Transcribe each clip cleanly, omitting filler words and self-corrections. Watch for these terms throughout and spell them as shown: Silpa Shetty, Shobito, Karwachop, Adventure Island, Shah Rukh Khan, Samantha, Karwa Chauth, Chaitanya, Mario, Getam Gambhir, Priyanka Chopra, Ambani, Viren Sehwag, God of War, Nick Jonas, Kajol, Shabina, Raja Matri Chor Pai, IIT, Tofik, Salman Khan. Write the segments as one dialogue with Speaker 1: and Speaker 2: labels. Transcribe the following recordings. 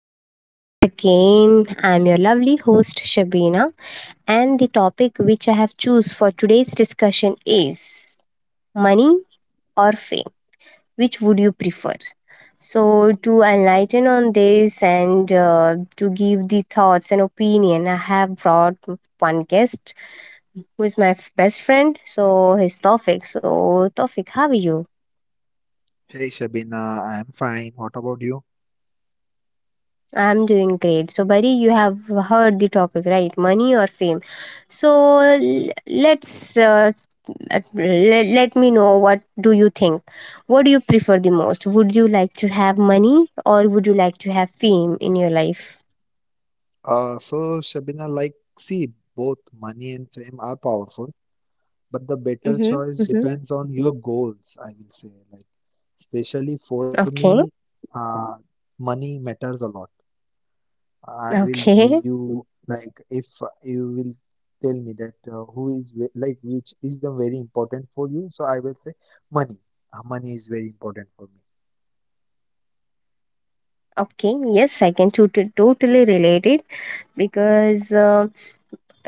Speaker 1: to my podcast again. I'm your lovely host, Shabina, and the topic which I have choose for today's discussion is money or fame. Which would you prefer? So, to enlighten on this and to give the thoughts and opinion, I have brought one guest who is my best friend. So, his Tofik. So, Tofik, how are you?
Speaker 2: Hey Shabina, I'm fine. What about you?
Speaker 1: I'm doing great. So, Bari, you have heard the topic, right? Money or fame? So, let's let me know what do you think? What do you prefer the most? Would you like to have money or would you like to have fame in your life?
Speaker 2: So Shabina, see, both money and fame are powerful, but the better
Speaker 1: Mm-hmm.
Speaker 2: choice
Speaker 1: Mm-hmm.
Speaker 2: depends on your goals, I will say. Like, especially for me,
Speaker 1: Okay.
Speaker 2: uh, money matters a lot. I will
Speaker 1: Okay.
Speaker 2: give, like, if you will tell me that who is, like, which is the very important for you, so I will say money. Money is very important for me.
Speaker 1: Okay. Yes, I can totally relate it because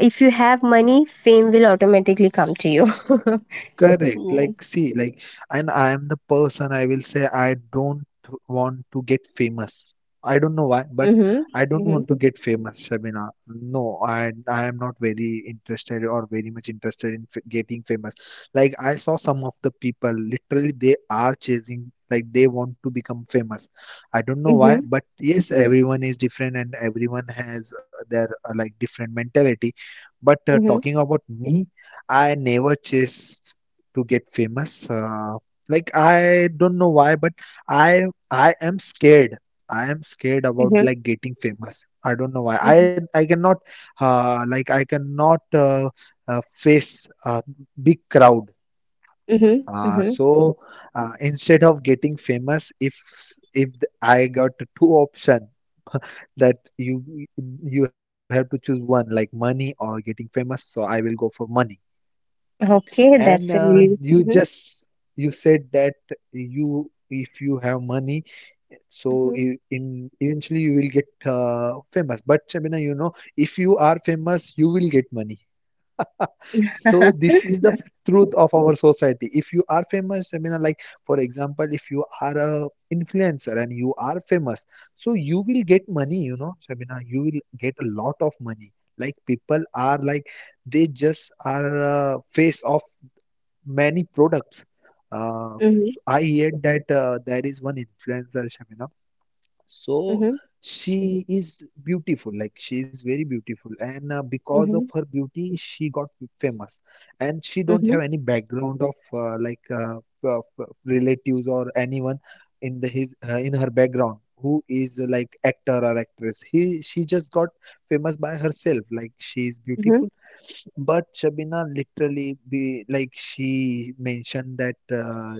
Speaker 1: if you have money, fame will automatically come to you.
Speaker 2: Correct. Like,
Speaker 1: Yes.
Speaker 2: see, like, and I am the person I will say I don't want to get famous. I don't know why, but
Speaker 1: Mm-hmm.
Speaker 2: I don't want to
Speaker 1: Mm-hmm.
Speaker 2: get famous, Shabina. No, I am not very interested or very much interested in f getting famous. Like, I saw some of the people, literally, they are chasing, like, they want to become famous. I don't know why, but yes, everyone is different and everyone has their like different mentality. But talking
Speaker 1: Mhm,
Speaker 2: about me, I never chase to get famous. Like I don't know why, but I I am scared. I am scared about
Speaker 1: mhm,
Speaker 2: like getting famous. I don't know why. I
Speaker 1: mhm,
Speaker 2: I cannot like I cannot face a big crowd.
Speaker 1: mhm,
Speaker 2: Uh,
Speaker 1: mhm.
Speaker 2: so Instead of getting famous, if I got two option that you have to choose one like money or getting famous, so I will go for money.
Speaker 1: Okay,
Speaker 2: And
Speaker 1: that's a really
Speaker 2: you
Speaker 1: Mhm,
Speaker 2: just you said that you if you have money, so
Speaker 1: mhm.
Speaker 2: in eventually you will get famous. But Shabina, you know, if you are famous, you will get money. So this is the truth of our society. If you are famous, Shabina, like for example, if you are a influencer and you are famous, so you will get money. You know, Shabina, you will get a lot of money. Like people are like they just are face of many products.
Speaker 1: Mhm,
Speaker 2: I heard that there is one influencer, Shamina. So
Speaker 1: mhm,
Speaker 2: she is beautiful, like she is very beautiful, and because of
Speaker 1: mhm,
Speaker 2: her beauty, she got famous. And she don't
Speaker 1: mhm,
Speaker 2: have any background of relatives or anyone in the his in her background who is like actor or actress. He She just got famous by herself, like she is
Speaker 1: mhm,
Speaker 2: beautiful but Shabina literally be like she mentioned that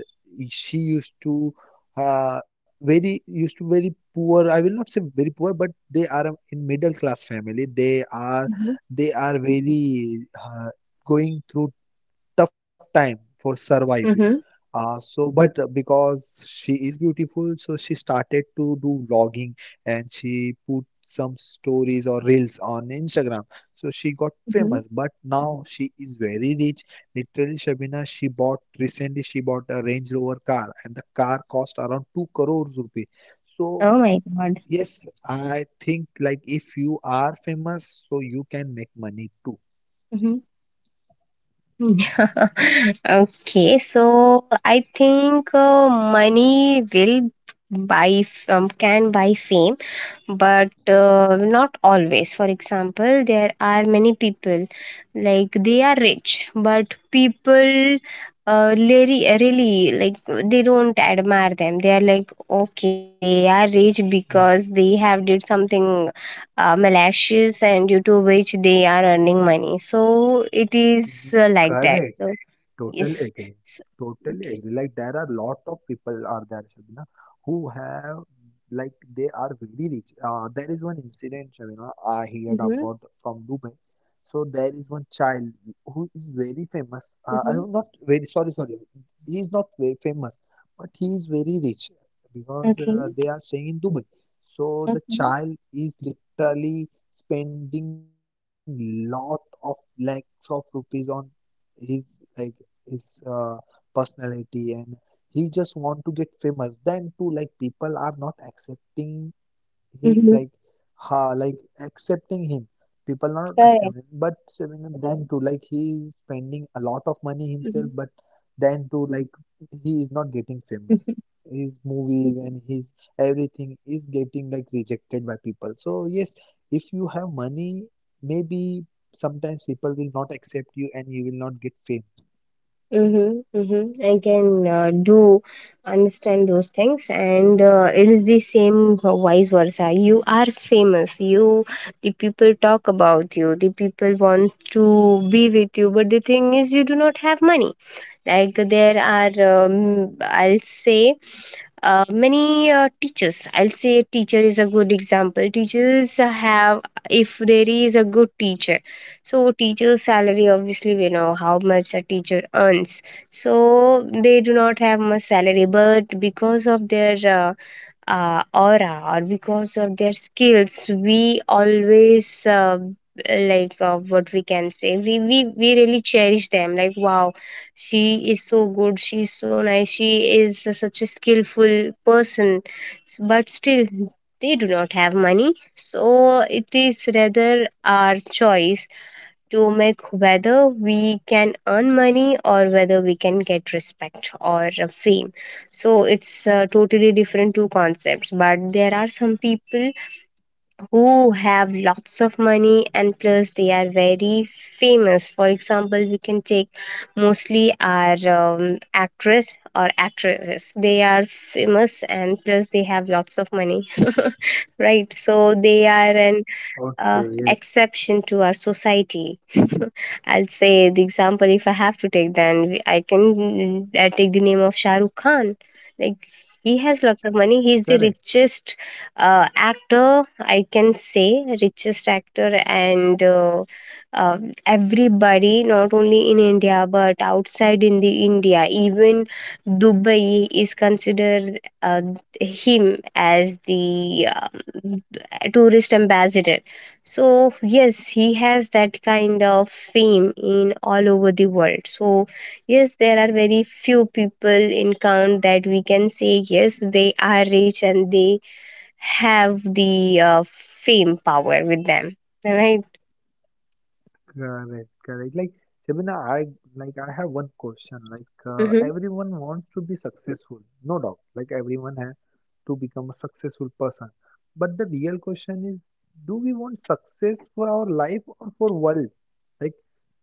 Speaker 2: she used to very poor. I will not say very poor, but they are in middle class family.
Speaker 1: mhm,
Speaker 2: They are very going through tough time for survive
Speaker 1: mhm,
Speaker 2: so, but because she is beautiful, so she started to do vlogging and she put some stories or reels on Instagram. So she got
Speaker 1: mhm.
Speaker 2: famous, but now she is very rich. Literally, Shabina, she bought recently she bought a Range Rover car, and the car cost around two crores rupees. So
Speaker 1: Oh my God.
Speaker 2: yes, I think like if you are famous, so you can make money too.
Speaker 1: Mhm. Okay, so I think money will buy can buy fame, but not always. For example, there are many people, like, they are rich but people really really like, they don't admire them. They are like, okay, they are rich because they have did something malicious and due to which they are earning money, so it is like that. So,
Speaker 2: Correct. Totally agree.
Speaker 1: yes. So,
Speaker 2: Totally agree. Like there are lot of people are there, Shabina, who have like they are very rich. There is one incident, Shabina, I heard
Speaker 1: mm-hmm,
Speaker 2: about from Dubai. So there is one child who is very famous.
Speaker 1: mm-hmm.
Speaker 2: I'm not very sorry, sorry. He is not very famous, but he is very rich because
Speaker 1: Okay.
Speaker 2: they are staying in Dubai. So the
Speaker 1: Okay.
Speaker 2: child is literally spending lot of lakhs of rupees on his like his personality and he just want to get famous then too like people are not accepting he
Speaker 1: Mm-hmm.
Speaker 2: like ha like accepting him, people not
Speaker 1: Correct.
Speaker 2: accepting but Seven then too like he is spending a lot of money himself but then too like he is not getting
Speaker 1: Mhm.
Speaker 2: famous, his movies and his everything is getting like rejected by people, so yes, if you have money maybe sometimes people will not accept you and you will not get fame.
Speaker 1: Mm-hmm, mm-hmm. I can do understand those things, and it is the same vice versa. You are famous. You, the people talk about you. The people want to be with you, but the thing is, you do not have money. Like there are, I'll say, many teachers. I'll say teacher is a good example. Teachers have, if there is a good teacher, so teacher's salary, obviously we know how much a teacher earns. So they do not have much salary, but because of their aura or because of their skills, we always like, what we can say, we really cherish them. Like, wow, she is so good, she is so nice, she is such a skillful person. But still they do not have money, so it is rather our choice to make whether we can earn money or whether we can get respect or fame. So it's totally different two concepts, but there are some people who have lots of money and plus they are very famous. For example, we can take mostly our actress or actresses. They are famous and plus they have lots of money. Right? So they are an
Speaker 2: Okay, yes,
Speaker 1: exception to our society. I'll say the example, if I have to take, then I can take the name of Shah Rukh Khan. Like, he has lots of money.
Speaker 2: correct.
Speaker 1: He's the richest actor, I can say, richest actor, and everybody, not only in India but outside in the India, even Dubai is considered him as the tourist ambassador. So yes, he has that kind of fame in all over the world. So yes, there are very few people in count that we can say yes, they are rich and they have the fame power with them. Right?
Speaker 2: Correct, correct. Like Shabina, I have one question. Like
Speaker 1: Mm-hmm.
Speaker 2: everyone wants to be successful, no doubt. Like everyone has to become a successful person. But the real question is, do we want success for our life or for world? Like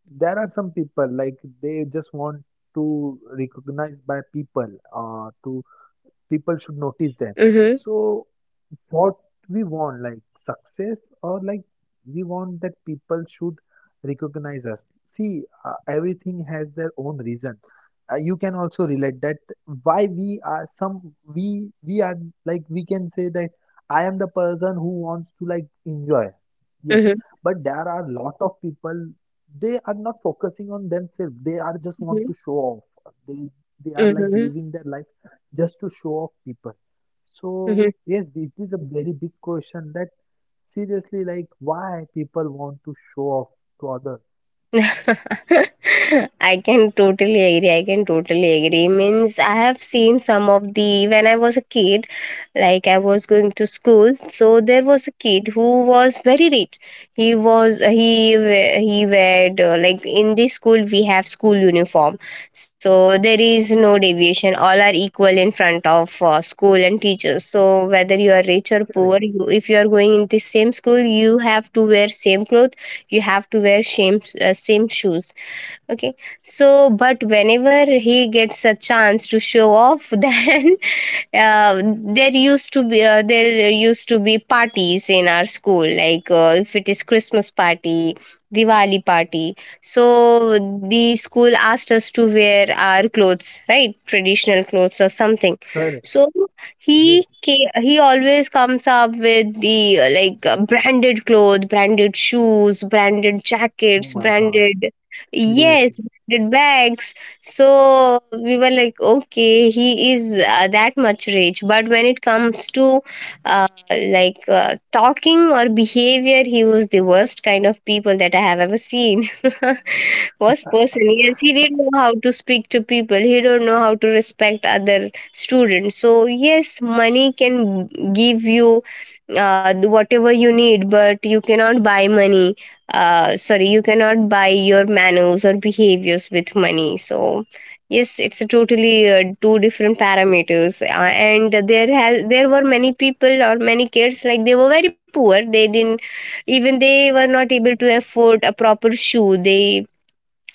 Speaker 2: there are some people like they just want to recognize by people to people should notice them
Speaker 1: Mm-hmm.
Speaker 2: so what we want, like success, or like we want that people should recognize us. See, everything has their own reason. You can also relate that why we are some we are like we can say that I am the person who wants to like enjoy. Yes,
Speaker 1: Mm-hmm.
Speaker 2: but there are lot of people they are not focusing on themselves. They are just
Speaker 1: Mm-hmm.
Speaker 2: want to show off. They they
Speaker 1: Mm-hmm.
Speaker 2: are like living their life just to show off people
Speaker 1: Mm-hmm.
Speaker 2: so yes, it is a very big question that seriously, like why people want to show off to others.
Speaker 1: I can totally agree. I can totally agree. Means I have seen some of the, when I was a kid, like I was going to school. So there was a kid who was very rich. He was he weared like, in this school we have school uniform. So there is no deviation. All are equal in front of school and teachers. So whether you are rich or poor,
Speaker 2: Correct.
Speaker 1: you, if you are going in the same school, you have to wear same clothes, you have to wear same same shoes, okay. So but whenever he gets a chance to show off, then uh, there used to be parties in our school, like if it is Christmas party, Diwali party, so the school asked us to wear our clothes, right, traditional clothes or something. So
Speaker 2: Correct.
Speaker 1: he
Speaker 2: Yes.
Speaker 1: he always comes up with the branded clothes, branded shoes, branded jackets,
Speaker 2: Oh my God.
Speaker 1: branded, yes,
Speaker 2: Seriously.
Speaker 1: branded bags. So we were like, okay, he is that much rich. But when it comes to talking or behavior, he was the worst kind of people that I have ever seen. Worst person. Yes, he didn't know how to speak to people. He don't know how to respect other students. So yes, money can give you whatever you need, but you cannot buy money, sorry, you cannot buy your manners or behaviors with money. So yes, it's a totally two different parameters, and there were many people or many kids, like they were very poor, they didn't even, they were not able to afford a proper shoe. They,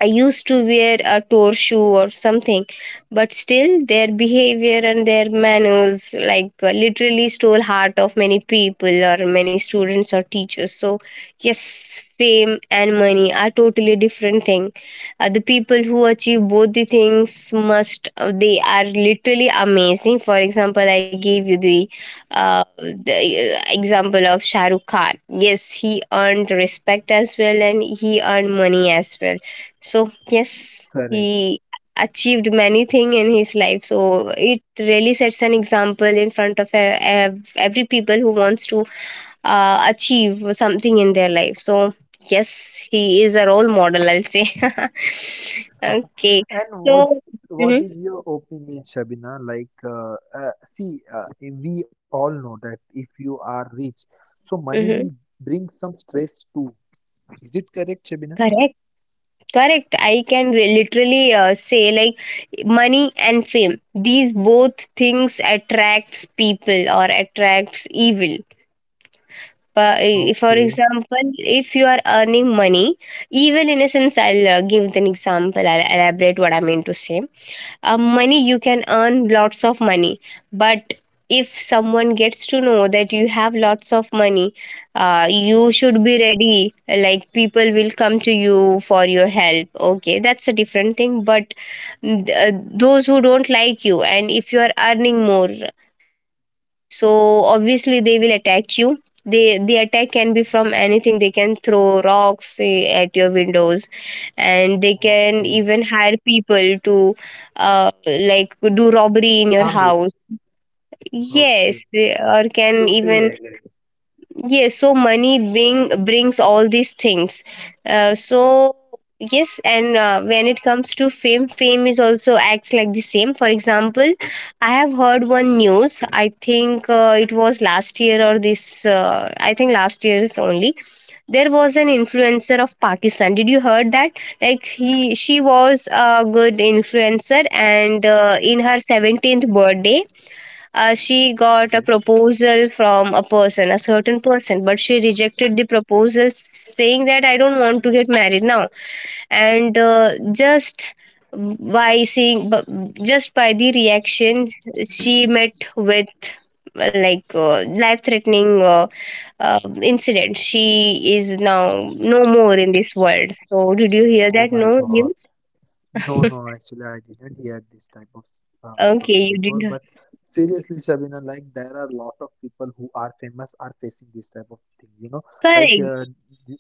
Speaker 1: I used to wear a tour shoe or something, but still their behavior and their manners, like literally stole heart of many people or many students or teachers. So yes, fame and money are totally different thing. The people who achieve both the things must they are literally amazing. For example, I gave you the uh, the example of Shahrukh Khan. Yes, he earned respect as well and he earned money as well. So yes,
Speaker 2: Correct.
Speaker 1: he achieved many thing in his life. So it really sets an example in front of every people who wants to achieve something in their life. So yes, he is a role model, I'll say. Okay.
Speaker 2: And
Speaker 1: So. Hmm.
Speaker 2: what is your opinion, Shabina? Like, see, we all know that if you are rich, so
Speaker 1: Hmm.
Speaker 2: money will bring some stress too. Is it correct,
Speaker 1: Correct.
Speaker 2: Shabina?
Speaker 1: Correct. I can literally say, like, money and fame, these both things attracts people or attracts evil. For
Speaker 2: Okay.
Speaker 1: example, if you are earning money, evil in a sense, I'll give an example. I'll elaborate what I mean to say. Money, you can earn lots of money, but if someone gets to know that you have lots of money, you should be ready. Like, people will come to you for your help. Okay, that's a different thing. But mm, th- uh, those who don't like you, and if you are earning more, so obviously they will attack you. They, the attack can be from anything. They can throw rocks at your windows, and they can even
Speaker 2: Okay.
Speaker 1: hire people to do robbery in your
Speaker 2: Harm you.
Speaker 1: house. Yes,
Speaker 2: Okay.
Speaker 1: they, or can
Speaker 2: Totally
Speaker 1: even,
Speaker 2: agree.
Speaker 1: yes. So money bring brings all these things. So yes, and when it comes to fame, fame is also acts like the same. For example, I have heard one news. I think it was last year or this. I think last year is only. There was an influencer of Pakistan. Did you heard that? Like, he, she was a good influencer, and in her 17th birthday, she got a
Speaker 2: Yes.
Speaker 1: proposal from a person, a certain person, but she rejected the proposal, saying that I don't want to get married now. And just by seeing, just by the reaction, she met with life-threatening incident. She is now no more in this world. So, did you hear
Speaker 2: Oh
Speaker 1: that?
Speaker 2: my
Speaker 1: No
Speaker 2: God.
Speaker 1: news.
Speaker 2: No, no, actually, I didn't hear this type of story
Speaker 1: Okay, you
Speaker 2: before.
Speaker 1: didn't.
Speaker 2: But seriously, Shabina, like there are a lot of people who are famous are facing this type of thing. You know, like
Speaker 1: Correct.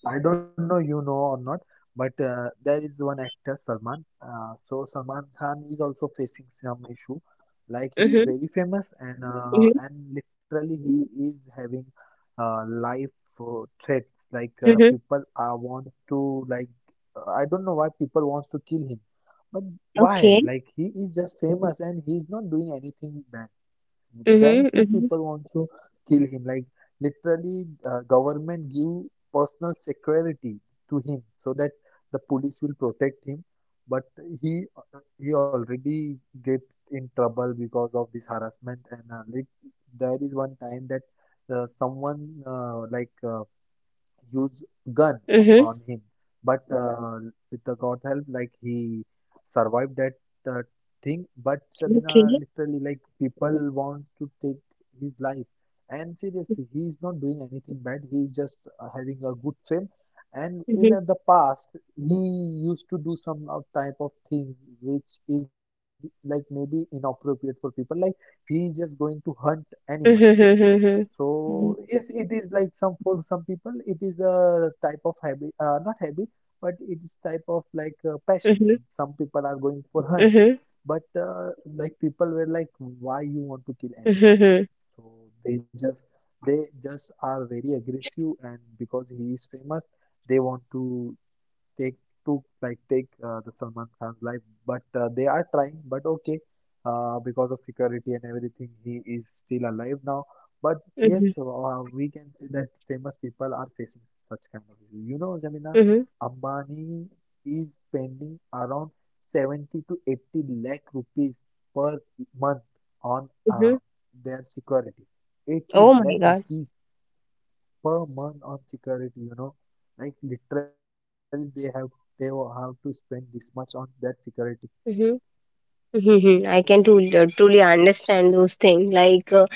Speaker 2: I don't know you know or not, but there is one actor Salman. So Salman Khan is also facing some issue. Like he is
Speaker 1: Mm-hmm,
Speaker 2: very famous and
Speaker 1: mm-hmm,
Speaker 2: literally he is having life threats. Like
Speaker 1: mm-hmm.
Speaker 2: people are want to like I don't know why people wants to kill him but why?
Speaker 1: Okay.
Speaker 2: Like he is just famous and he is not doing anything bad.
Speaker 1: Mm-hmm,
Speaker 2: Then two
Speaker 1: mm-hmm.
Speaker 2: people want to kill him. Like literally, government give personal security to him so that the police will protect him. But he already get in trouble because of this harassment. And there is one time that someone use gun on
Speaker 1: Mhm.
Speaker 2: him. But with the God help, like he survived that uh, thing. But Shabina,
Speaker 1: Okay.
Speaker 2: literally, like people wants to take his life. And seriously, he is not doing anything bad. He is just having a good fame. And in
Speaker 1: Mhm.
Speaker 2: the past, he used to do some type of things which is like maybe inappropriate for people. Like he is just going to hunt animals,
Speaker 1: Mhm, mhm,
Speaker 2: so
Speaker 1: mhm,
Speaker 2: yes, it is like some for some people it is a type of habit, not habit, but it is type of like passion.
Speaker 1: mhm,
Speaker 2: Some people are going for hunt,
Speaker 1: mhm,
Speaker 2: but like people were like, why you want to kill animal?
Speaker 1: mhm,
Speaker 2: So they just they just are very aggressive, and because he is famous, they want to take to like take the Salman Khan's life, but they are trying. But okay, because of security and everything, he is still alive now. But
Speaker 1: mhm,
Speaker 2: yes, we can say that famous people are facing such kind of issues. You know, Jamina,
Speaker 1: mhm,
Speaker 2: Ambani is spending around 70 to 80 lakh rupees per month on
Speaker 1: mhm.
Speaker 2: their security. 80
Speaker 1: Oh my
Speaker 2: lakh
Speaker 1: God.
Speaker 2: rupees per month on security, you know. Like literally they will have to spend this much on that security.
Speaker 1: Mhm. Mhm. I can truly, truly understand those things. Like,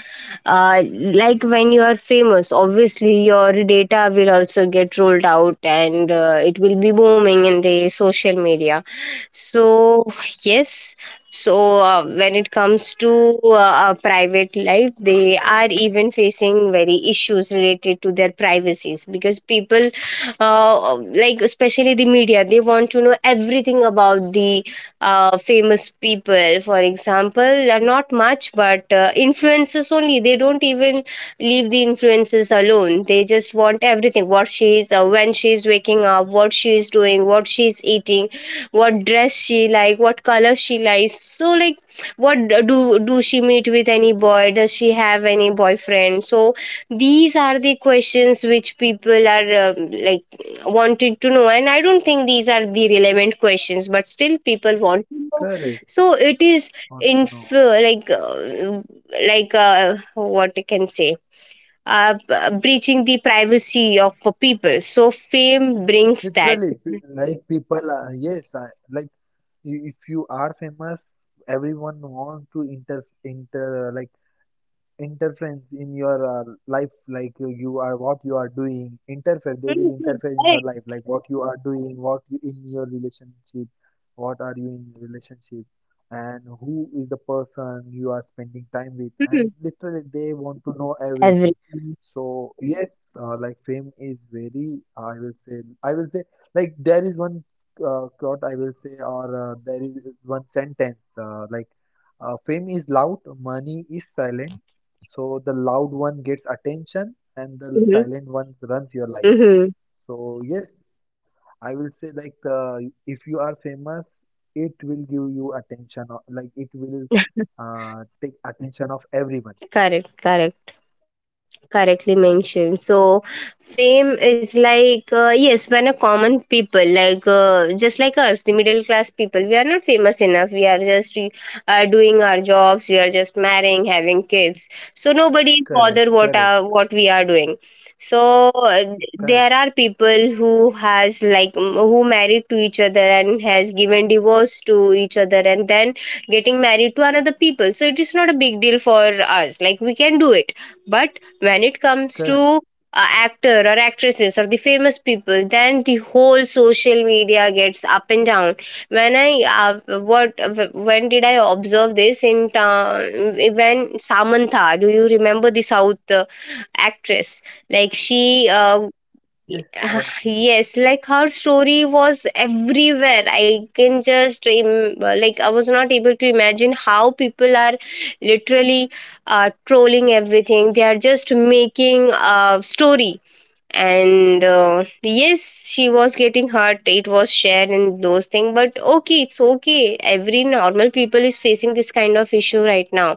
Speaker 1: uh, like, when you are famous, obviously your data will also get rolled out, and it will be booming in the social media. So yes, so when it comes to a private life, they are even facing very issues related to their privacies because people, like, especially the media, they want to know everything about the famous people, for example, are not much, but influences only. They don't even leave the influencers alone. They just want everything: what she is, when she is waking up, what she is doing, what she is eating, what dress she like, what color she likes, so like, what, do she meet with any boy, does she have any boyfriend? So these are the questions which people are, um, like wanted to know, and I don't think these are the relevant questions, but still people want to know.
Speaker 2: Correct.
Speaker 1: So it is
Speaker 2: Want to
Speaker 1: in,
Speaker 2: know.
Speaker 1: what I can say, breaching the privacy of people. So fame brings that.
Speaker 2: Literally, like people are, yes, like if you are famous, everyone want to like interference in your life, like you are what you are doing, interfere, they will
Speaker 1: Mhm,
Speaker 2: interfere in your
Speaker 1: correct.
Speaker 2: life, like what you are doing, what you in your relationship, what are you in your relationship and who is the person you are spending time with,
Speaker 1: Mhm.
Speaker 2: and literally they want to know everything.
Speaker 1: Everything.
Speaker 2: So yes, like fame is very, I will say like there is one quote I will say, or there is one sentence, fame is loud, money is silent, so the loud one gets attention and the silent one runs your life.
Speaker 1: Hmm.
Speaker 2: So yes, I will say, like, the if you are famous, it will give you attention, or like it will take attention of everyone.
Speaker 1: Correct, correct, correctly mentioned. So fame is like, yes, when a common people like, just like us, the middle class people, we are not famous enough. We are just doing our jobs, we are just marrying, having kids, so nobody bother
Speaker 2: Correct,
Speaker 1: what
Speaker 2: correct,
Speaker 1: are what we are doing. So uh, there
Speaker 2: correct,
Speaker 1: are people who has like, who married to each other and has given divorce to each other and then getting married to another people. So it is not a big deal for us, like we can do it. But when it comes to
Speaker 2: correct.
Speaker 1: actor or actresses or the famous people, then the whole social media gets up and down. when i uh, what when did I observe this in when Samantha, do you remember the south actress, like she
Speaker 2: Yes, I
Speaker 1: ah,
Speaker 2: remember.
Speaker 1: yes, like her story was everywhere. I can just im- Like I was not able to imagine how people are literally trolling everything. They are just making a story and yes, she was getting hurt, it was shared and those things, but okay, it's okay, every normal people is facing this kind of issue right now.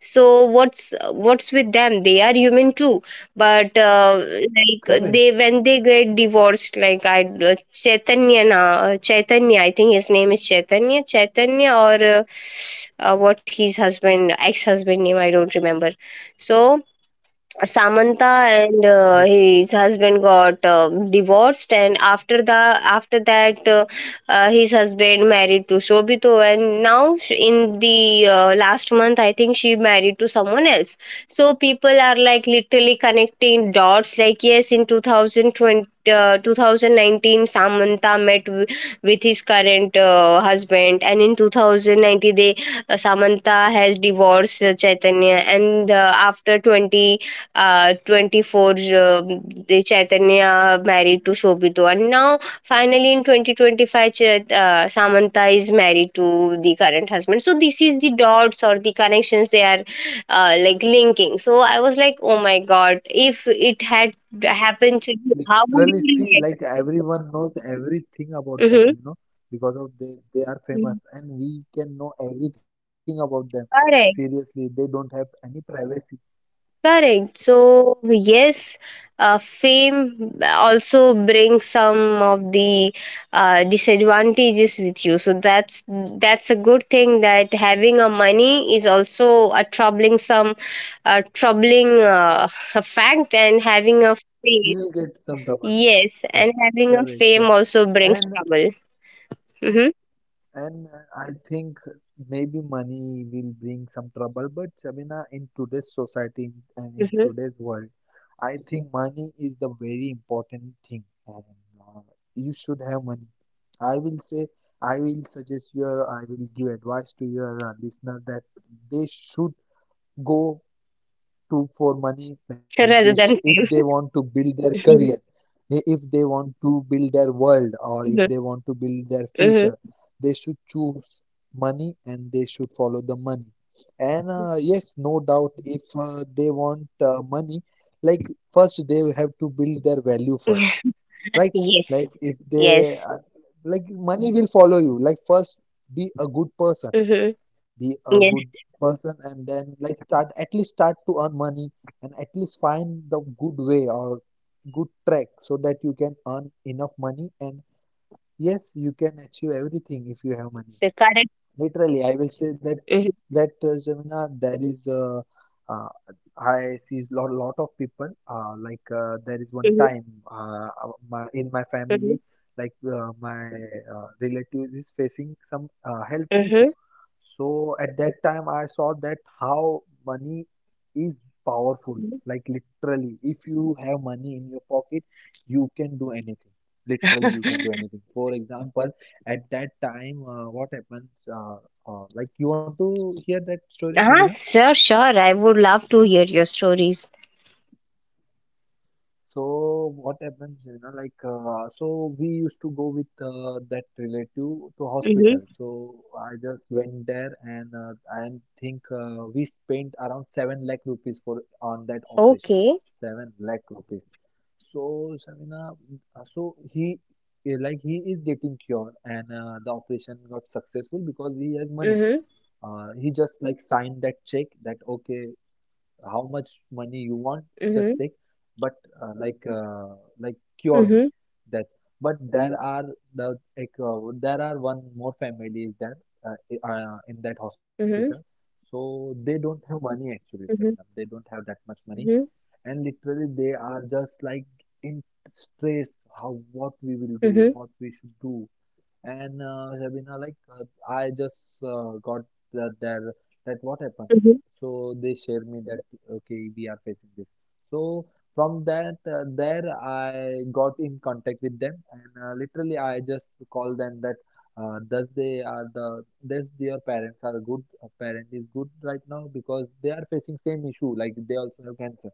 Speaker 1: So what's with them, they are human too. But like
Speaker 2: Correct.
Speaker 1: they, when they get divorced, like I Chaitanya na, Chaitanya, I think his name is Chaitanya, chaitanya or what his husband, ex husband name I don't remember. So Samantha and
Speaker 2: Yes.
Speaker 1: his husband got divorced, and after the after that, his husband married to Shobito, and now in the last month, I think she married to someone else. So people are like literally connecting dots. Like yes, in 2020, 2019, Samantha met with his current husband, and in 2019, they Samantha has divorced Chaitanya, and after 20 24 the Chaitanya married to Shobito, and now finally in 2025, Samantha is married to the current husband. So this is the dots or the connections they are like linking. So I was like, oh my god, if it had happened to you, how
Speaker 2: Literally
Speaker 1: would you
Speaker 2: see like
Speaker 1: react?
Speaker 2: everyone knows everything about them, you
Speaker 1: Mm-hmm.
Speaker 2: know, because of they are famous and we can know everything about them. Seriously,
Speaker 1: Correct.
Speaker 2: they don't have any privacy.
Speaker 1: Correct. So, yes, fame also brings some of the disadvantages with you. So that's a good thing, that having a money is also a troubling some troubling fact, and having a
Speaker 2: You
Speaker 1: fame,
Speaker 2: will get some double.
Speaker 1: yes,
Speaker 2: Correct,
Speaker 1: and having a
Speaker 2: correct, yeah.
Speaker 1: fame also brings
Speaker 2: And
Speaker 1: trouble. Hmm.
Speaker 2: and I think maybe money will bring some trouble, but Sabina, in today's society and in
Speaker 1: Hmm.
Speaker 2: today's world, I think money is the very important thing, and uh, you should have money. I will say, I will suggest you, I will give advice to your listener that they should go to for money, like they sh
Speaker 1: Rather
Speaker 2: if
Speaker 1: than
Speaker 2: they
Speaker 1: fame.
Speaker 2: want to build their career, if they want to build their world, or if
Speaker 1: Hmm.
Speaker 2: they want to build their future,
Speaker 1: Hmm.
Speaker 2: they should choose money and they should follow the money. And yes, no doubt, if they want money, like first they have to build their value first, right?
Speaker 1: Yes.
Speaker 2: like if they
Speaker 1: Yes.
Speaker 2: Like money will follow you. Like first, be a good person,
Speaker 1: Hmm.
Speaker 2: be a good
Speaker 1: Yes.
Speaker 2: person, and then like start, at least start to earn money, and at least find the good way or good track so that you can earn enough money. And yes, you can achieve everything if you have money.
Speaker 1: So
Speaker 2: Literally, I will say that
Speaker 1: correct.
Speaker 2: Jamina, there is uh, I see lot of people. There is one time, in my family,
Speaker 1: Mhm.
Speaker 2: my relative is facing some health issue.
Speaker 1: Mhm.
Speaker 2: So at that time, I saw that how money is powerful.
Speaker 1: Mhm.
Speaker 2: Like literally, if you have money in your pocket, you can do anything. Literally, you can do anything. For example. At that time, what happens? Like you want to hear that story, Shabina?
Speaker 1: Ah, sure, sure. I would love to hear your stories.
Speaker 2: So what happens? You know, so we used to go with that relative to
Speaker 1: Mhm.
Speaker 2: hospital. So I just went there, and I think we spent around 7 lakh rupees for on that operation.
Speaker 1: Okay.
Speaker 2: 7 lakh rupees. So Shabina, uh, so he he is getting cured, and the operation got successful because he has money.
Speaker 1: Mhm.
Speaker 2: He just like signed that check that okay, how much money you want, just
Speaker 1: Mhm.
Speaker 2: take, but like cure me
Speaker 1: Mhm.
Speaker 2: that. But there are there are one more families there in that hospital,
Speaker 1: Mhm.
Speaker 2: so they don't have money actually, Shabnam.
Speaker 1: Mhm.
Speaker 2: They don't have that much money,
Speaker 1: Mhm.
Speaker 2: and literally they are just like in stress. How, what we will do,
Speaker 1: Mhm.
Speaker 2: what we should do? And Rabina, I just got that that that what happened.
Speaker 1: Mhm.
Speaker 2: So they share me that okay, we are facing this. So from that there, I got in contact with them, and literally I just call them that thus their parents are good. Parent is good right now because they are facing same issue, like they also have cancer.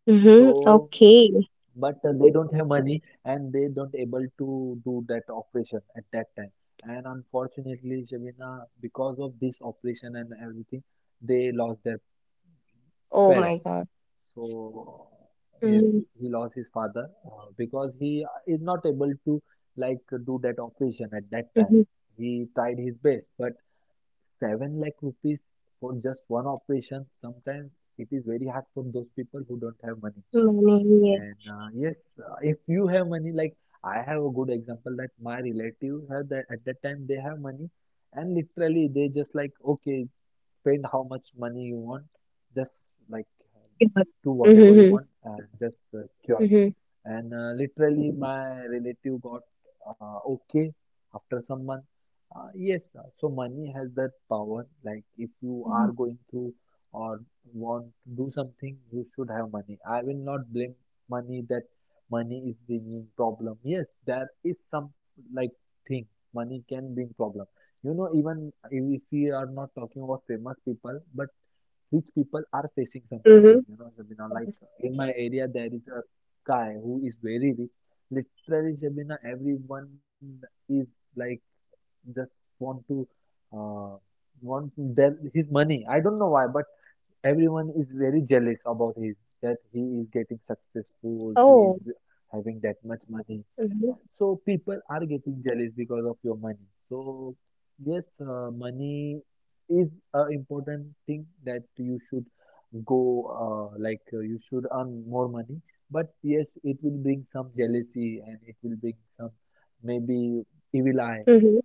Speaker 2: So
Speaker 1: Mhm. Okay.
Speaker 2: but they don't have money, and they don't able to do that operation at that time. And unfortunately Shabina, because of this operation and everything, they lost their
Speaker 1: Oh
Speaker 2: parent.
Speaker 1: my god.
Speaker 2: So yes,
Speaker 1: Mhm.
Speaker 2: he lost his father, because he is not able to like do that operation at that time.
Speaker 1: Mhm.
Speaker 2: He tried his best, but 7 lakh rupees for just one operation sometimes, it is very hard for those people who don't have money.
Speaker 1: Many years.
Speaker 2: And yes, if you have money, like I have a good example that my relatives have that at that time they have money, and literally they just like okay, spend how much money you want, just like
Speaker 1: Mhm.
Speaker 2: do whatever you
Speaker 1: Mhm.
Speaker 2: want and just cure me.
Speaker 1: Mhm.
Speaker 2: And literally, my relative got okay after some month. Yes, so money has that power. Like if you are
Speaker 1: Mhm.
Speaker 2: going through or want to do something, you should have money. I will not blame money that money is bringing problem. Yes, there is some like thing money can bring problem. You know, even if we are not talking about famous people, but rich people are facing some
Speaker 1: Mhm.
Speaker 2: problem, you know Shabina, like in my area there is a guy who is very rich. Literally Shabina, everyone is like just want to uh, want their his money. I don't know why, but everyone is very jealous about his, that he is getting successful, he
Speaker 1: Oh.
Speaker 2: is having that much money.
Speaker 1: Mhm.
Speaker 2: So people are getting jealous because of your money. So yes, money is a important thing that you should go, you should earn more money. But yes, it will bring some jealousy, and it will bring some maybe evil eye.
Speaker 1: Mhm.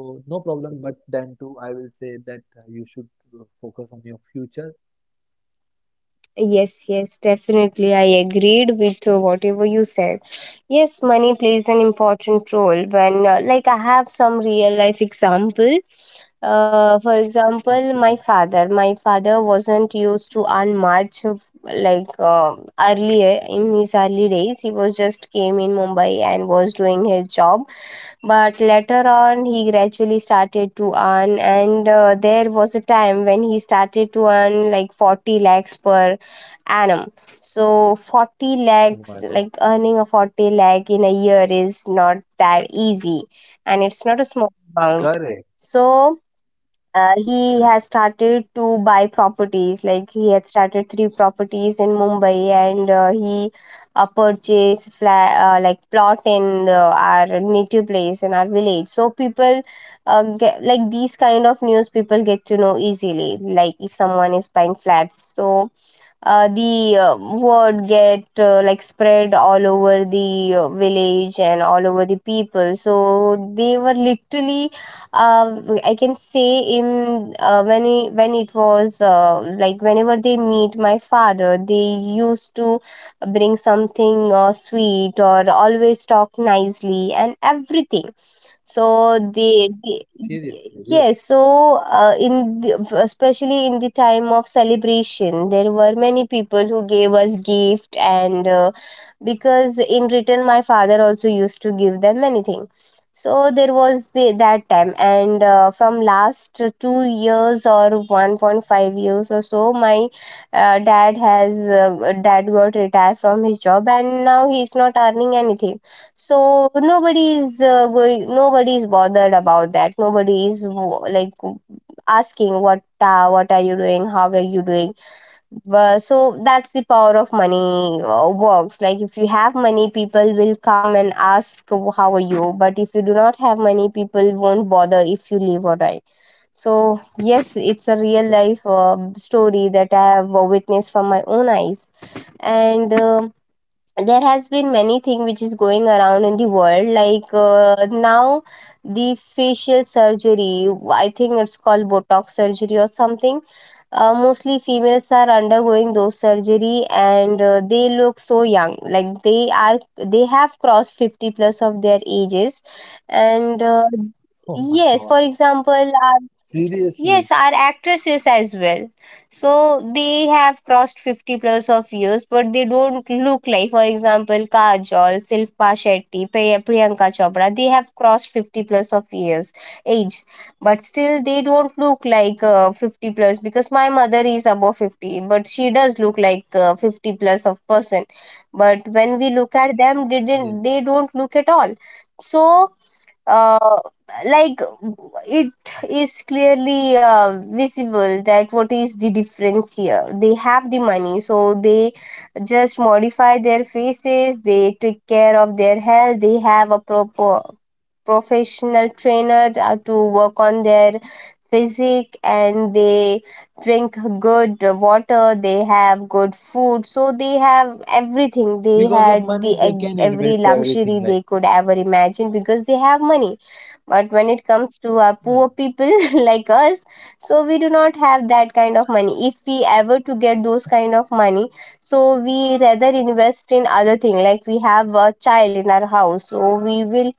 Speaker 2: So no problem. But then too, I will say that you should focus on your future.
Speaker 1: Yes, yes, definitely. I agreed with whatever you said. Yes, money plays an important role when, like, I have some real life example. For example, my
Speaker 2: Okay.
Speaker 1: father. My father wasn't used to earn much, like, earlier in his early days. He was just came in Mumbai and was doing his job. But later on, he gradually started to earn, and there was a time when he started to earn like 40 lakhs per annum. So 40
Speaker 2: Oh
Speaker 1: lakhs,
Speaker 2: my God.
Speaker 1: like earning a 40 lakh in a year is not that easy, and it's not a small amount.
Speaker 2: Correct.
Speaker 1: So he
Speaker 2: Correct.
Speaker 1: has started to buy properties. Like he had started 3 properties in Mumbai, and he purchased flat, like plot in our native place in our village. So people get like these kind of news, people get to know easily. Like if someone is buying flats, so the word get like spread all over the village and all over the people, so they were literally uh, I can say in when it was like, whenever they meet my father, they used to bring something sweet or always talk nicely and everything. so the,
Speaker 2: Seriously.
Speaker 1: yes,
Speaker 2: Yes.
Speaker 1: so especially in the time of celebration, there were many people who gave us gift, and because in return, my father also used to give them anything. That time,
Speaker 2: Okay.
Speaker 1: and from last 2 years or 1.5 years or so, my dad got retired from his job, and now he's not earning anything. So nobody is going, nobody is bothered about that, nobody is like asking what are you doing, how are you doing. But, so that's the power of money works. Like if you have money, people will come and ask how are you, but if you do not have money, people won't bother if you leave or die. So yes, it's a real
Speaker 2: Correct.
Speaker 1: life story that I have witnessed from my own eyes. And There has been many thing which is going around in the world, like now the facial surgery, I think it's called botox surgery or something. Mostly females are undergoing those surgery, and they look so young, like they are, they have crossed 50 plus of their ages, and
Speaker 2: Oh my
Speaker 1: yes,
Speaker 2: God.
Speaker 1: for example,
Speaker 2: Seriously,
Speaker 1: yes, are actresses as well. So they have crossed 50 plus of years, but they don't look like, for example, Kajol, Silpa Shetty, Priyanka Chopra. They have crossed 50 plus of years age, but still they don't look like 50 plus, because my mother is above 50, but she does look like 50 plus of person. But when we look at them, they didn't
Speaker 2: yes.
Speaker 1: they don't look at all. So uh, like it is clearly visible that what is the difference here. They have the money, so they just modify their faces, they take care of their health, they have a proper professional trainer to work on their physique, and they drink good water, they have good food, so they have everything. They
Speaker 2: Because of
Speaker 1: had
Speaker 2: money,
Speaker 1: the
Speaker 2: they can
Speaker 1: every
Speaker 2: invest everything
Speaker 1: luxury
Speaker 2: like
Speaker 1: they could ever imagine, because they have money. But when it comes to our poor
Speaker 2: money.
Speaker 1: people like us, so we do not have that kind of money. If we ever to get those kind of money, so we rather invest in other thing. Like we have a child in our house, so we will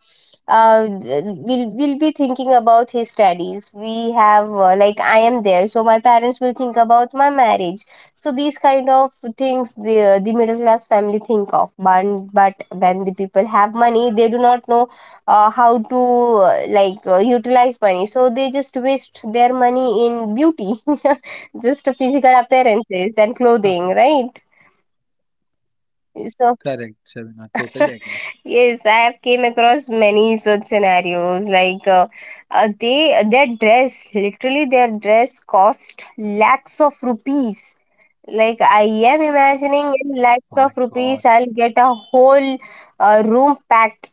Speaker 1: uh, will will be thinking about his studies. We have like I am there, so my parents will think about my marriage. So these kind of things the middle class family think of. But when the people have money, they do not know how to like utilize money, so they just waste their money in beauty just physical appearances and
Speaker 2: Haha,
Speaker 1: clothing, right? So
Speaker 2: correct, Shabina. Totally agree.
Speaker 1: yes, I have came across many such scenarios, like they, their dress, literally, their dress cost lakhs of rupees. Like I am imagining, in lakhs
Speaker 2: My
Speaker 1: of
Speaker 2: God.
Speaker 1: rupees I'll get a whole room packed.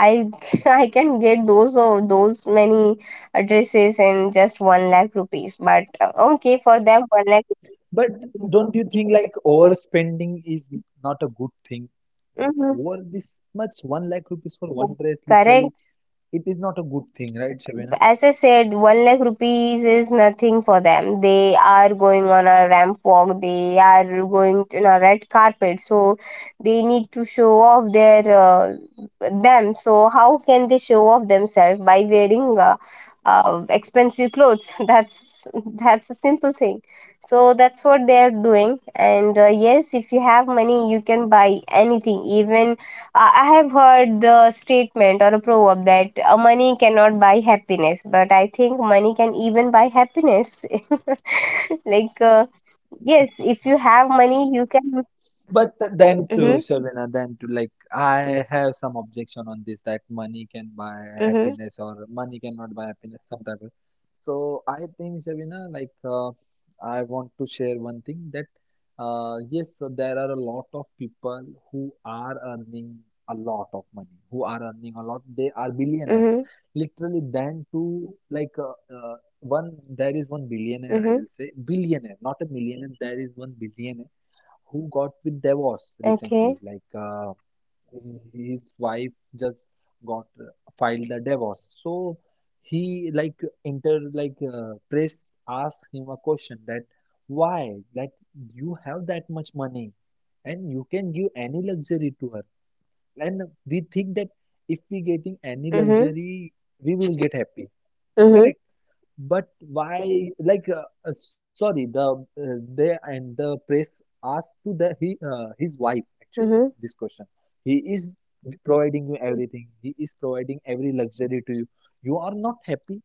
Speaker 1: I I can get those many dresses in just one lakh rupees. But okay, for them, one lakh.
Speaker 2: But don't you think like overspending is not a good thing? Like over
Speaker 1: Mm-hmm.
Speaker 2: this much, one lakh rupees for one dress, literally,
Speaker 1: Correct.
Speaker 2: it is not a good thing, right, Shabina?
Speaker 1: As I said, one lakh rupees is nothing for them. They are going on a ramp walk. They are going to on a red carpet. So they need to show off their them. So how can they show off themselves by wearing expensive clothes? That's a simple thing. So that's what they are doing. And yes, if you have money, you can buy anything. Even I have heard the statement or a proverb that money cannot buy happiness, but I think money can even buy happiness. Like, yes, if you have money, you can.
Speaker 2: But then to
Speaker 1: Mm-hmm,
Speaker 2: Shabina, then to like, I have some objection on this that money can buy
Speaker 1: mm-hmm,
Speaker 2: happiness or money cannot buy happiness, some type of. So I think Shabina, like, I want to share one thing that, yes, so there are a lot of people who are earning a lot of money, who are earning a lot. They are billionaires.
Speaker 1: mm-hmm,
Speaker 2: Literally, then to like, one, there is one billionaire, I
Speaker 1: mm-hmm.
Speaker 2: will say, billionaire, not a millionaire. There is one billionaire who got with divorce recently.
Speaker 1: Okay.
Speaker 2: His wife just got filed the divorce. So he like inter like press asked him a question that why that you have that much money and you can give any luxury to her. And we think that if we getting any
Speaker 1: Mm-hmm,
Speaker 2: luxury, we will get happy.
Speaker 1: mm-hmm,
Speaker 2: Correct. But why, sorry, the press asked to the he his wife actually
Speaker 1: mm-hmm,
Speaker 2: this question. He is providing you everything. He is providing every luxury to you. You are not happy.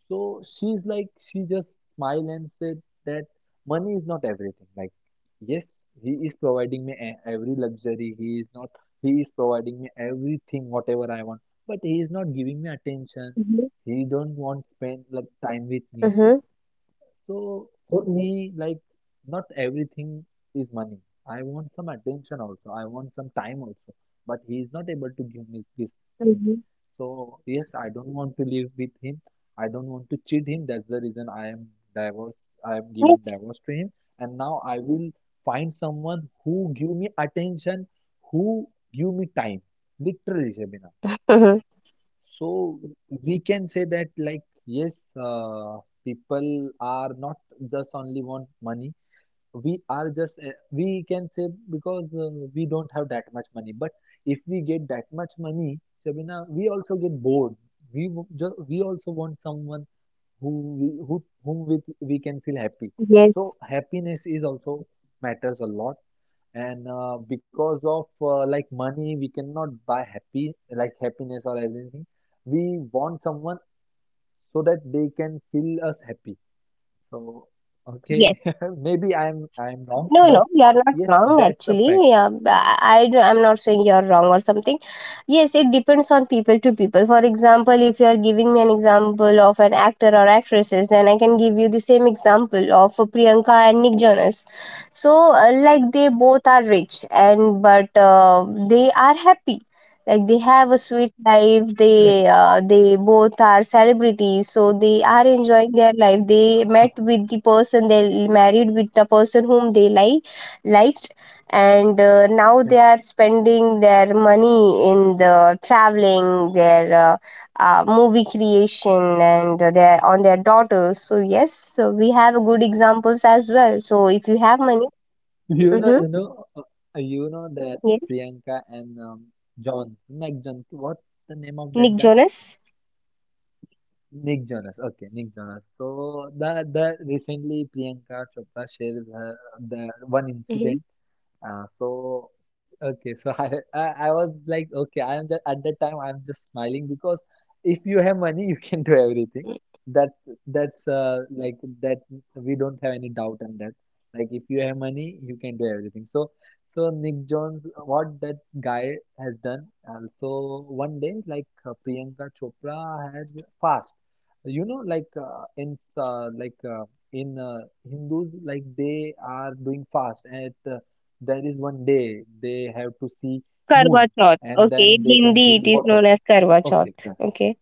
Speaker 2: So she's like, she just smiled and said that money is not everything. Like, yes, he is providing me every luxury. He is not, he is providing me everything, whatever I want. But he is not giving me attention.
Speaker 1: mm-hmm,
Speaker 2: He don't want spend like time with me.
Speaker 1: mm-hmm.
Speaker 2: So for me, like not everything is money. I want some attention also. I want some time also. But he is not able to give me this thing.
Speaker 1: Mm-hmm.
Speaker 2: So yes, I don't want to live with him. I don't want to cheat him. That's the reason I am divorced. I am
Speaker 1: Yes.
Speaker 2: giving divorce to him. And now I will find someone who give me attention, who give me time. Literally, Shabina.
Speaker 1: Mm-hmm.
Speaker 2: So we can say that like yes, people are not just only want money. We are just we can say because we don't have that much money. But if we get that much money, Shabina, we also get bored. We also want someone who who whom with we can feel happy.
Speaker 1: Yes.
Speaker 2: So happiness is also matters a lot. And because of like money, we cannot buy happy like happiness or anything. We want someone so that they can feel us happy. So okay,
Speaker 1: Yes.
Speaker 2: maybe I'm wrong,
Speaker 1: No, no,
Speaker 2: but
Speaker 1: you are not
Speaker 2: yes,
Speaker 1: wrong
Speaker 2: that's a
Speaker 1: actually.
Speaker 2: fact.
Speaker 1: Yeah, I am not saying you are wrong or something. Yes, it depends on people to people. For example, if you are giving me an example of an actor or actresses, then I can give you the same example of Priyanka and Nick Jonas. So, like they both are rich and but they are happy, like they have a sweet life.
Speaker 2: Correct,
Speaker 1: They both are celebrities, so they are enjoying their life. They met with the person, they married with the person whom they liked, and now they
Speaker 2: correct.
Speaker 1: are spending their money in the traveling, their movie creation and their on their daughters. So yes, so we have good examples as well. So if you have money,
Speaker 2: You know,
Speaker 1: mm-hmm.
Speaker 2: you know you know that
Speaker 1: Yes.
Speaker 2: Priyanka and John Mac John, what the name of that
Speaker 1: Nick
Speaker 2: guy?
Speaker 1: Jonas.
Speaker 2: Nick Jonas, okay. Nick Jonas. So the recently Priyanka Chopra shares her, the one
Speaker 1: Mm-hmm.
Speaker 2: incident. So okay, so I was like okay, I'm just at that time I'm just smiling because if you have money, you can do everything. That that's like That we don't have any doubt on that. Like if you have money, you can do everything. So Nick Jones, what that guy has done. So one day, Priyanka Chopra has fast. You know, like in like in Hindus, like they are doing fast at there is one day they have to see
Speaker 1: Karwa
Speaker 2: moon,
Speaker 1: Chauth.
Speaker 2: and
Speaker 1: Okay,
Speaker 2: then
Speaker 1: in
Speaker 2: they can
Speaker 1: Hindi
Speaker 2: drink
Speaker 1: it is
Speaker 2: water.
Speaker 1: known as Karwa
Speaker 2: Okay.
Speaker 1: Chauth.
Speaker 2: Yeah.
Speaker 1: Okay.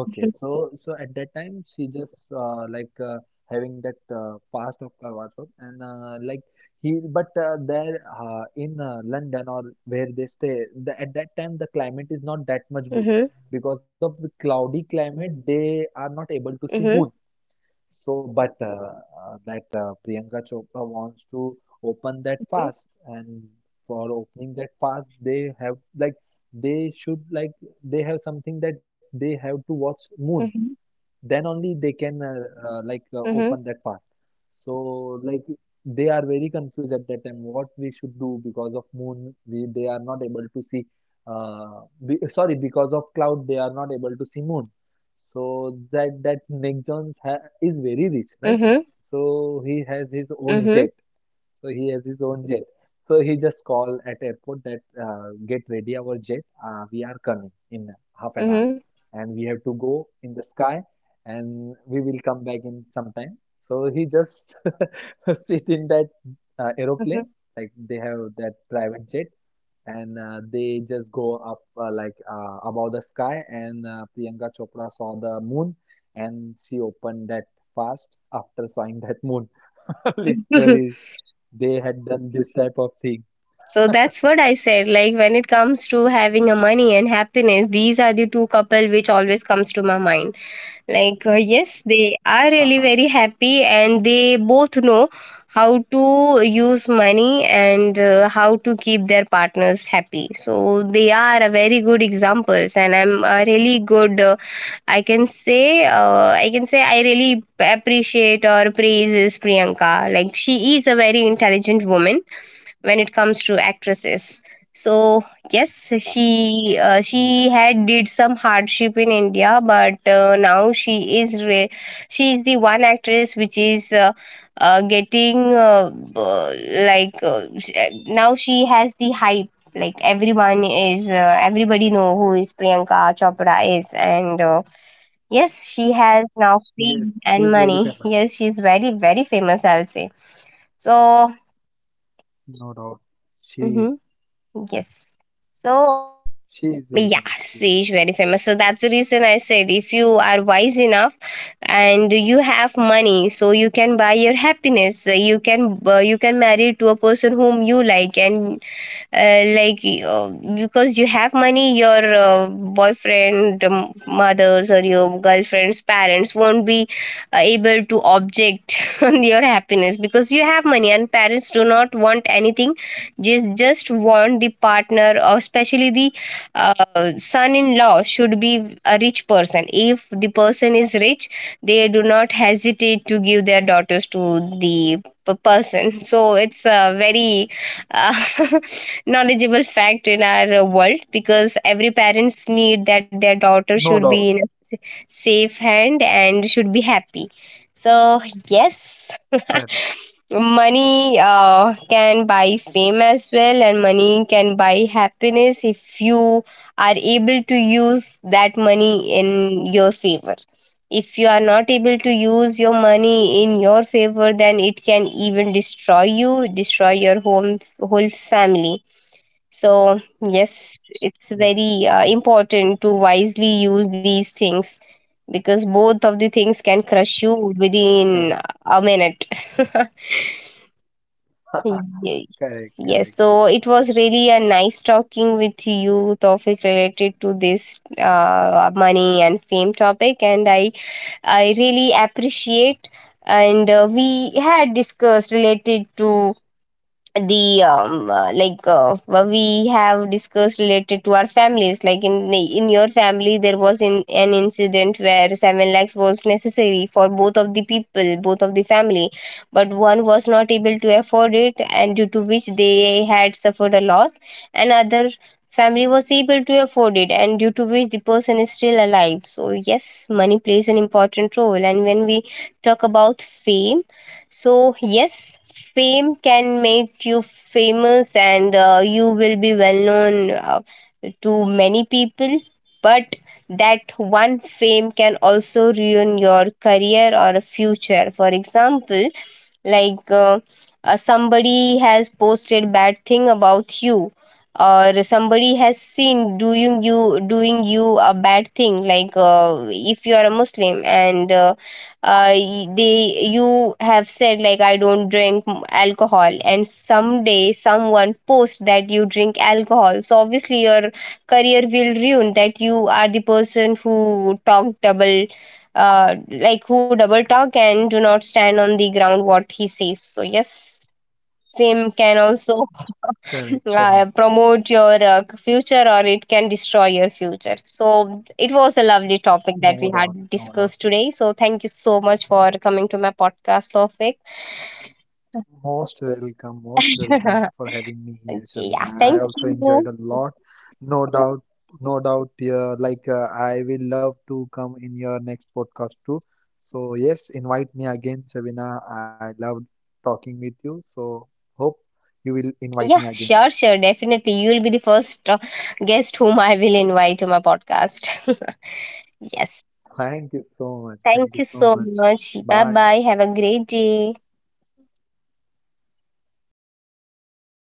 Speaker 2: Okay,
Speaker 1: Mhm.
Speaker 2: so at that time she just having that past of Karwachop, and like he but there in London or where they stay the, at that time the climate is not that much good
Speaker 1: Mhm.
Speaker 2: because of the cloudy climate, they are not able to see moon.
Speaker 1: Mhm.
Speaker 2: So, but that Priyanka Chopra wants to open that fast, and for opening that fast, they have like they should like they have something that they have to watch Moon,
Speaker 1: Mhm.
Speaker 2: then only they can
Speaker 1: Mhm.
Speaker 2: open that fast. So like they are very confused at that time what we should do because of moon they are not able to see, uh, sorry, because of cloud they are not able to see moon. So that Nick Jones ha is very rich, right?
Speaker 1: Mhm.
Speaker 2: So he has his own
Speaker 1: Mhm.
Speaker 2: jet. So he has his own jet. So he just call at airport that get ready our jet. We are coming in half an hour,
Speaker 1: Mhm.
Speaker 2: and we have to go in the sky, and we will come back in some time. So he just sit in that aeroplane,
Speaker 1: Mhm.
Speaker 2: like they have that private jet, and they just go up above the sky. And Priyanka Chopra saw the moon, and she opened that fast after seeing that moon.
Speaker 1: Mhm.
Speaker 2: Literally, they had done this type of thing.
Speaker 1: So that's what I said. Like when it comes to having a money and happiness, these are the two couple which always comes to my mind. Yes, they are really
Speaker 2: Haha.
Speaker 1: very happy and they both know how to use money and how to keep their partners happy, so they are a very good examples. And I'm a really good I can say I really appreciate or praises Priyanka. Like she is a very intelligent woman when it comes to actresses. So yes,
Speaker 2: Yes.
Speaker 1: she had did some hardship in India, but now is re- she is the one actress which is getting uh, uh, like uh, sh- uh, now she has the hype. Like everyone is everybody know who is Priyanka Chopra is, and yes, she has now fame
Speaker 2: Yes, she
Speaker 1: and
Speaker 2: is very
Speaker 1: money.
Speaker 2: famous,
Speaker 1: Yes, she's very very famous, I'll say. So
Speaker 2: no doubt. She is
Speaker 1: mhm. Yes. So,
Speaker 2: she is very
Speaker 1: yeah,
Speaker 2: famous, yes.
Speaker 1: she is very famous. So that's the reason I said if you are wise enough and you have money, so you can buy your happiness. You can marry to a person whom you like, and uh, like uh, because you have money, your boyfriend mothers or your girlfriend's parents won't be able to object on your happiness, because you have money and parents do not want anything, just want the partner, or especially the son-in-law should be a rich person. If the person is rich, they do not hesitate to give their daughters to the person. So it's a very uh, knowledgeable fact in our world, because every parents need that their daughter should
Speaker 2: No
Speaker 1: be in
Speaker 2: doubt.
Speaker 1: a s- safe hand and should be happy. So yes,
Speaker 2: Correct.
Speaker 1: money can buy fame as well, and money can buy happiness if you are able to use that money in your favor. If you are not able to use your money in your favor, then it can even destroy you, destroy your home, whole family. So, yes, it's
Speaker 2: Yes,
Speaker 1: very
Speaker 2: Shavina.
Speaker 1: important to wisely use these things, because both of the things can crush you within
Speaker 2: Correct.
Speaker 1: a minute. Yes.
Speaker 2: Correct.
Speaker 1: Yes.
Speaker 2: Correct,
Speaker 1: So it
Speaker 2: Shavina.
Speaker 1: was really a nice talking with you, Tofik, related to this money and fame topic. And I really appreciate. And we had discussed related to the what we have discussed related to our families, like in your family there was in an incident where 7 lakhs was necessary for both of the people, both of the family, but one was not able to afford it and due to which they had suffered a loss, and other family was able to afford it and due to which the person is still alive. So yes, money plays an important role. And when we talk about fame, so yes, fame can make you famous and you will be well known to many people. But that one fame can also ruin your career or future. For example, like uh, somebody has posted bad thing about you, or somebody has seen doing you a bad thing. Like if you are a Muslim and y- they you have said like I don't drink alcohol, and someday someone posts that you drink alcohol, so obviously your career will ruin, that you are the person who talk double, like who double talk and do not stand on the ground what he says. So yes, fame can also
Speaker 2: Correct, Shavina.
Speaker 1: promote your future, or it can destroy your future. So it was a lovely topic that we
Speaker 2: No doubt.
Speaker 1: had
Speaker 2: No doubt.
Speaker 1: discussed today. So thank you so much for coming to my podcast, topic.
Speaker 2: Most welcome
Speaker 1: Okay,
Speaker 2: for having me here, Shabina.
Speaker 1: yeah,
Speaker 2: I
Speaker 1: thank
Speaker 2: also enjoyed
Speaker 1: you.
Speaker 2: a lot. No doubt, no doubt. Yeah, like I will love to come in your next podcast too. So yes, invite me again, Shabina. I loved talking with you. So hope you will invite
Speaker 1: Yeah,
Speaker 2: me again.
Speaker 1: sure, sure, definitely. You will be the first guest whom I will invite to my podcast. Yes,
Speaker 2: Thank you so much. Thank
Speaker 1: thank
Speaker 2: you
Speaker 1: you
Speaker 2: so
Speaker 1: so
Speaker 2: much.
Speaker 1: much. Bye
Speaker 2: Bye.
Speaker 1: bye. Have a great day.
Speaker 2: You too.